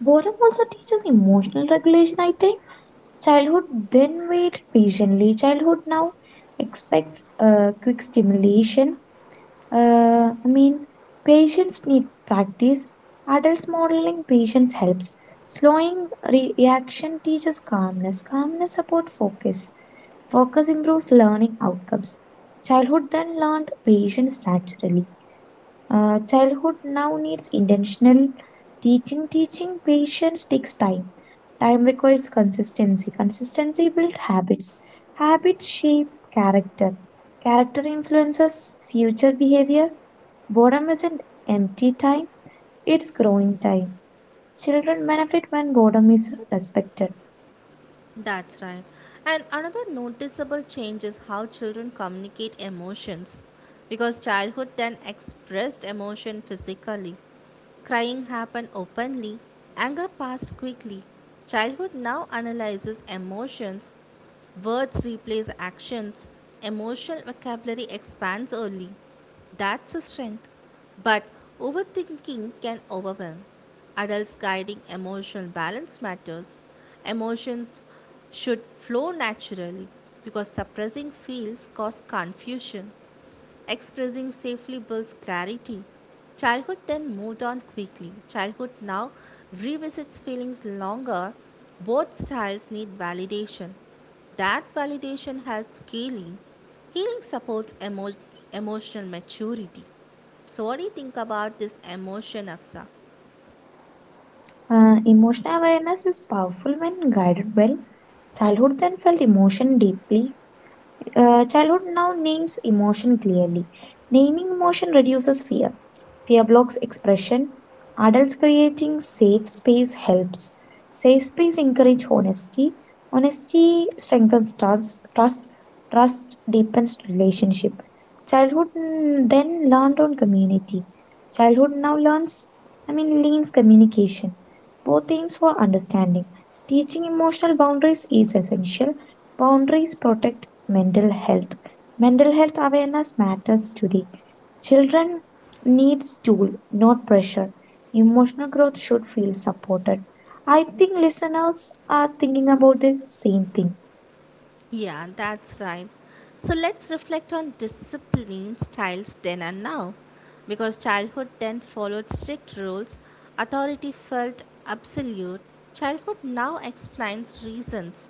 Boredom also teaches emotional regulation, I think. Childhood then wait patiently. Childhood now expects quick stimulation. Uh, I mean, Patients need practice. Adults modeling patience helps. Slowing reaction teaches calmness. Calmness supports focus. Focus improves learning outcomes. Childhood then learned patience naturally. Childhood now needs intentional teaching. Teaching patience takes time. Time requires consistency. Consistency builds habits. Habits shape character. Character influences future behavior. Boredom isn't empty time, it's growing time. Children benefit when boredom is respected.
That's right. And another noticeable change is how children communicate emotions. Because childhood then expressed emotion physically. Crying happened openly, anger passed quickly. Childhood now analyzes emotions. Words replace actions. Emotional vocabulary expands early. That's a strength. But overthinking can overwhelm. Adults guiding emotional balance matters. Emotions should flow naturally because suppressing feels cause confusion. Expressing safely builds clarity. Childhood then moved on quickly. Childhood now revisits feelings longer. Both styles need validation. That validation helps healing. Healing supports emotional maturity. So, what do you think about this emotion, Afsa?
Emotional awareness is powerful when guided well. Childhood then felt emotion deeply. Uh, childhood now names emotion clearly. Naming emotion reduces fear. Fear blocks expression. Adults creating safe space helps. Safe space encourage honesty. Honesty strengthens trust. Trust deepens relationship. Childhood mm, then learned on community. Childhood now leans communication. Both aims for understanding. Teaching emotional boundaries is essential. Boundaries protect mental health. Mental health awareness matters today. Children needs tool, not pressure. Emotional growth should feel supported. I think listeners are thinking about the same thing.
Yeah, that's right. So let's reflect on discipline styles then and now. Because childhood then followed strict rules, authority felt absolute, childhood now explains reasons.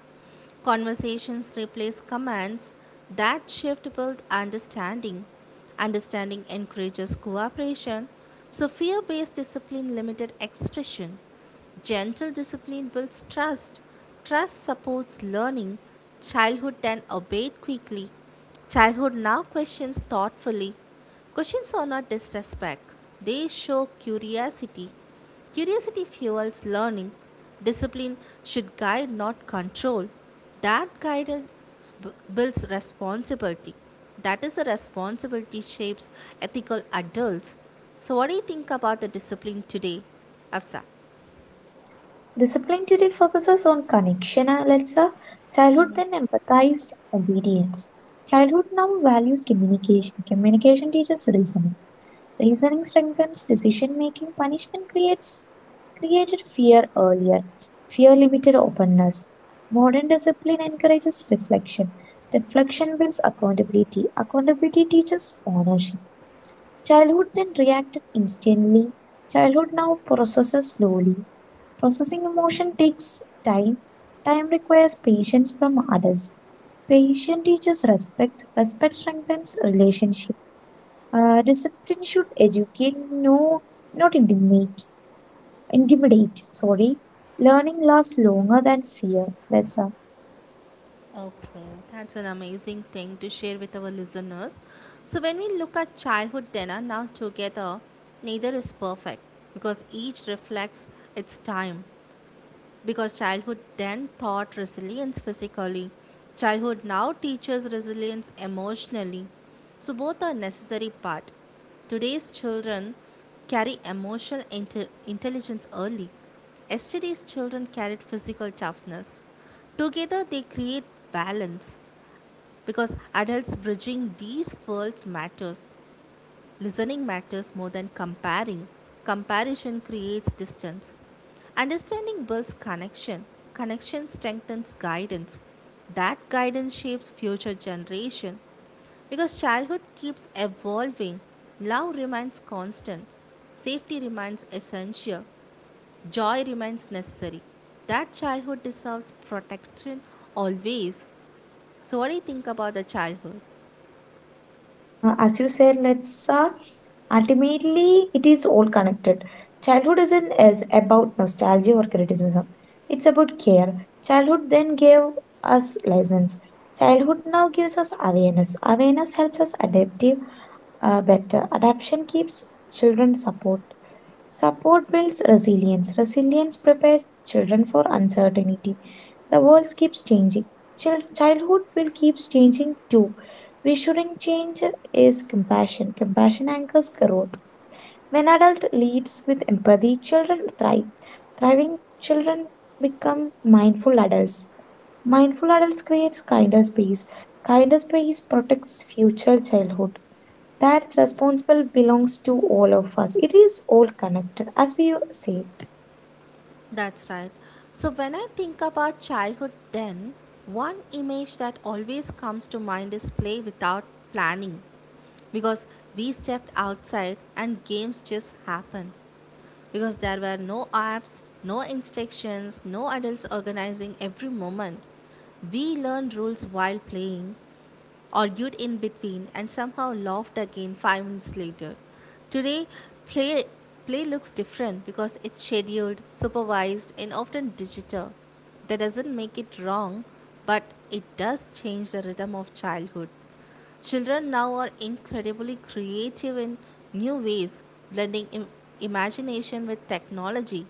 Conversations replace commands, that shift built understanding. Understanding encourages cooperation, so fear based discipline limited expression. Gentle discipline builds trust. Trust supports learning. Childhood then obeyed quickly. Childhood now questions thoughtfully. Questions are not disrespect, they show curiosity. Curiosity fuels learning. Discipline should guide, not control. That guidance builds responsibility. That is a responsibility shapes ethical adults. So, what do you think about the discipline today, Afsa?
Discipline today focuses on connection and lesser childhood then empathized obedience. Childhood now values communication. Communication teaches reasoning. Reasoning strengthens decision making. Punishment creates created fear earlier. Fear limited openness. Modern discipline encourages reflection. Reflection builds accountability. Accountability teaches ownership. Childhood then reacted instantly. Childhood now processes slowly. Processing emotion takes time. Time requires patience from adults. Patient teaches respect. Respect strengthens relationship. Discipline should educate, no, not intimidate. Intimidate, sorry. Learning lasts longer than fear. Let's
Okay, that's an amazing thing to share with our listeners. So, when we look at childhood dinner now together, neither is perfect because each reflects its time because childhood then taught resilience physically. Childhood now teaches resilience emotionally. So both are necessary part. Today's children carry emotional intelligence early. Yesterday's children carried physical toughness. Together they create balance because adults bridging these worlds matters. Listening matters more than comparing. Comparison creates distance. Understanding builds connection. Connection strengthens guidance. That guidance shapes future generation because childhood keeps evolving. Love remains constant. Safety remains essential. Joy remains necessary. That childhood deserves protection always. So what do you think about the childhood?
As you said, let's ultimately it is all connected. Childhood isn't as about nostalgia or criticism. It's about care. Childhood then gave us lessons. Childhood now gives us awareness. Awareness helps us adaptive better. Adaptation keeps children support. Support builds resilience. Resilience prepares children for uncertainty. The world keeps changing. Childhood will keep changing too. We shouldn't change is compassion. Compassion anchors growth. When adult leads with empathy, children thrive. Thriving children become mindful adults. Mindful adults creates kinder space. Kinder space protects future childhood. That's responsible belongs to all of us. It is all connected, as we say.
That's right. So when I think about childhood, then one image that always comes to mind is play without planning because we stepped outside and games just happened because there were no apps, no instructions, no adults organizing every moment. We learned rules while playing, argued in between, and somehow laughed again 5 minutes later. Today, play, play looks different because it's scheduled, supervised, and often digital. That doesn't make it wrong, but it does change the rhythm of childhood. Children now are incredibly creative in new ways, blending imagination with technology.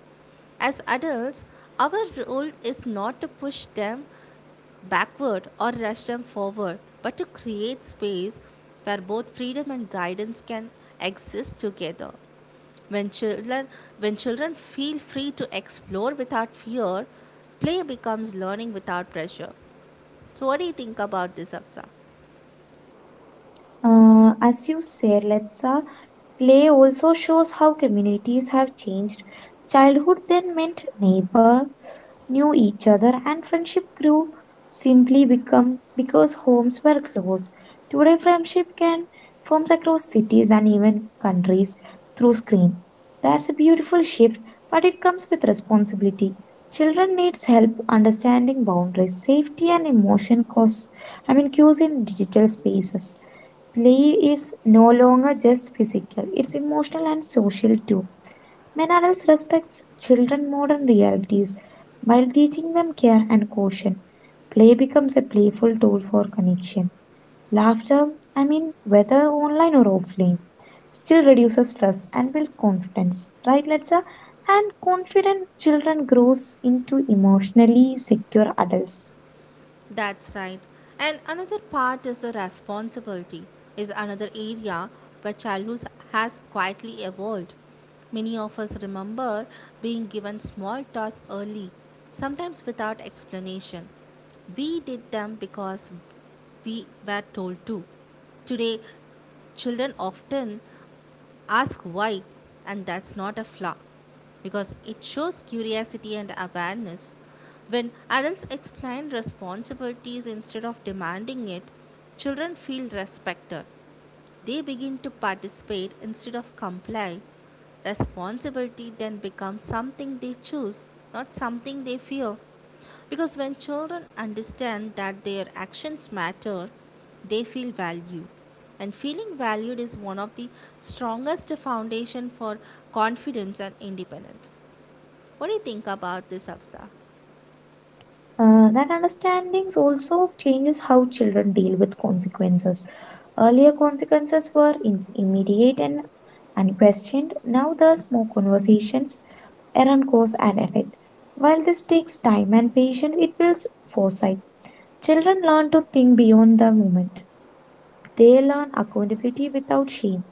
As adults, our role is not to push them backward or rush them forward, but to create space where both freedom and guidance can exist together. When children, when children feel free to explore without fear, play becomes learning without pressure. So, what do you think about this, Afsa?
As you said, Letsa, play also shows how communities have changed. Childhood then meant neighbor knew each other, and friendship grew simply become because homes were close. Today, friendship can forms across cities and even countries through screen. That's a beautiful shift, but it comes with responsibility. Children needs help understanding boundaries, safety, and emotion costs. I mean, cues in digital spaces. Play is no longer just physical, it's emotional and social too. When adults respect children modern realities while teaching them care and caution, play becomes a playful tool for connection. Laughter, I mean, whether online or offline, still reduces stress and builds confidence, right, Letsa? And confident children grows into emotionally secure adults.
That's right. And another part is the responsibility, is another area where childhood has quietly evolved. Many of us remember being given small tasks early, sometimes without explanation. We did them because we were told to. Today, children often ask why, and that's not a flaw because it shows curiosity and awareness. When adults explain responsibilities instead of demanding it, children feel respected. They begin to participate instead of comply. Responsibility then becomes something they choose, not something they fear. Because when children understand that their actions matter, they feel valued. And feeling valued is one of the strongest foundation for confidence and independence. What do you think about this, Afsa?
That understandings also changes how children deal with consequences. Earlier consequences were immediate and unquestioned. Now there's more conversations around cause and effect. While this takes time and patience, it builds foresight. Children learn to think beyond the moment. They learn accountability without shame.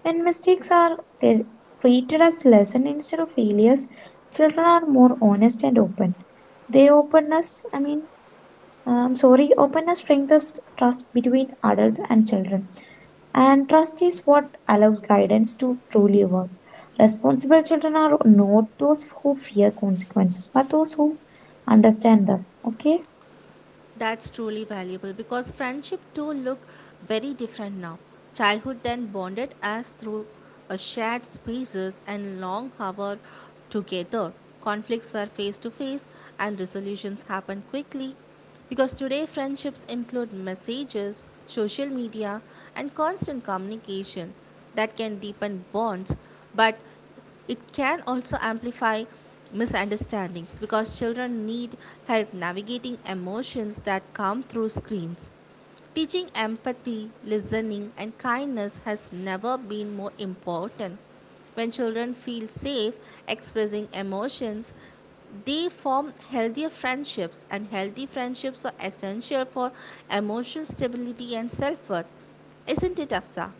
When mistakes are re- treated as lessons instead of failures, children are more honest and open. They openness, I mean, sorry, Openness strengthens trust between adults and children. And trust is what allows guidance to truly work. Responsible children are not those who fear consequences, but those who understand them. Okay?
That's truly valuable because friendship too look very different now. Childhood then bonded us through a shared spaces and long hour together. Conflicts were face to face and resolutions happened quickly. Because today friendships include messages, social media and constant communication that can deepen bonds but it can also amplify misunderstandings because children need help navigating emotions that come through screens. Teaching empathy, listening, and kindness has never been more important. When children feel safe expressing emotions, they form healthier friendships, and healthy friendships are essential for emotional stability and self worth. Isn't it, Afsa?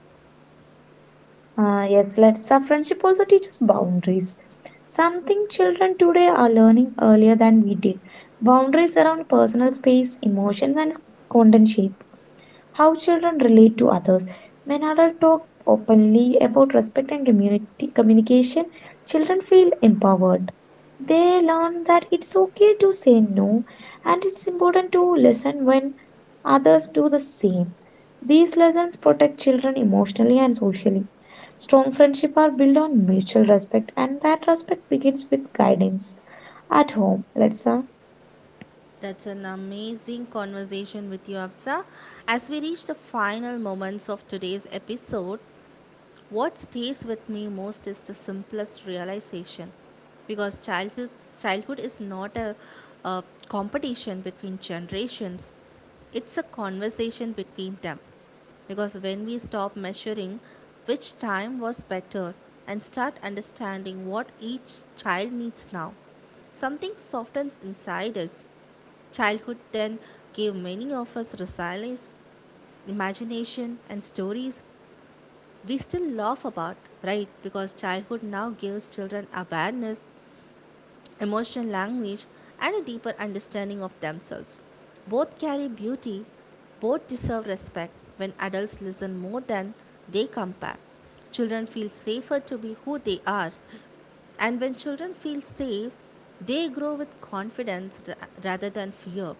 Yes, let's. Our friendship also teaches boundaries. Something children today are learning earlier than we did. Boundaries around personal space, emotions, and content shape. How children relate to others. When adults talk openly about respect and community communication, children feel empowered. They learn that it's okay to say no and it's important to listen when others do the same. These lessons protect children emotionally and socially. Strong friendships are built on mutual respect and that respect begins with guidance. At home, let's
That's an amazing conversation with you, Absa. As we reach the final moments of today's episode, what stays with me most is the simplest realization. Because childhood is not a competition between generations, it's a conversation between them. Because when we stop measuring which time was better and start understanding what each child needs now, something softens inside us. Childhood then gave many of us resilience, imagination, and stories we still laugh about, right? Because childhood now gives children awareness emotional language, and a deeper understanding of themselves. Both carry beauty, both deserve respect when adults listen more than they compare. Children feel safer to be who they are, and when children feel safe, they grow with confidence rather than fear.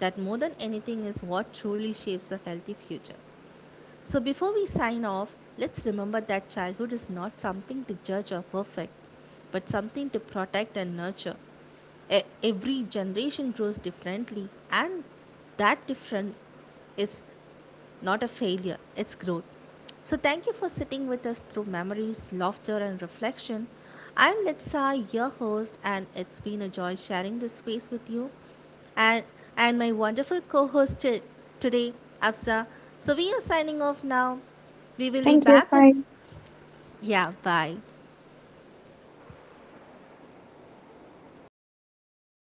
That, more than anything, is what truly shapes a healthy future. So before we sign off, let's remember that childhood is not something to judge or perfect, but something to protect and nurture. Every generation grows differently, and that different is not a failure, it's growth. So, thank you for sitting with us through memories, laughter, and reflection. I'm Litsa, your host, and it's been a joy sharing this space with you and, and my wonderful co host today, Absa. So, we are signing off now. We will be
thank you.
back with,
Bye.
yeah, bye.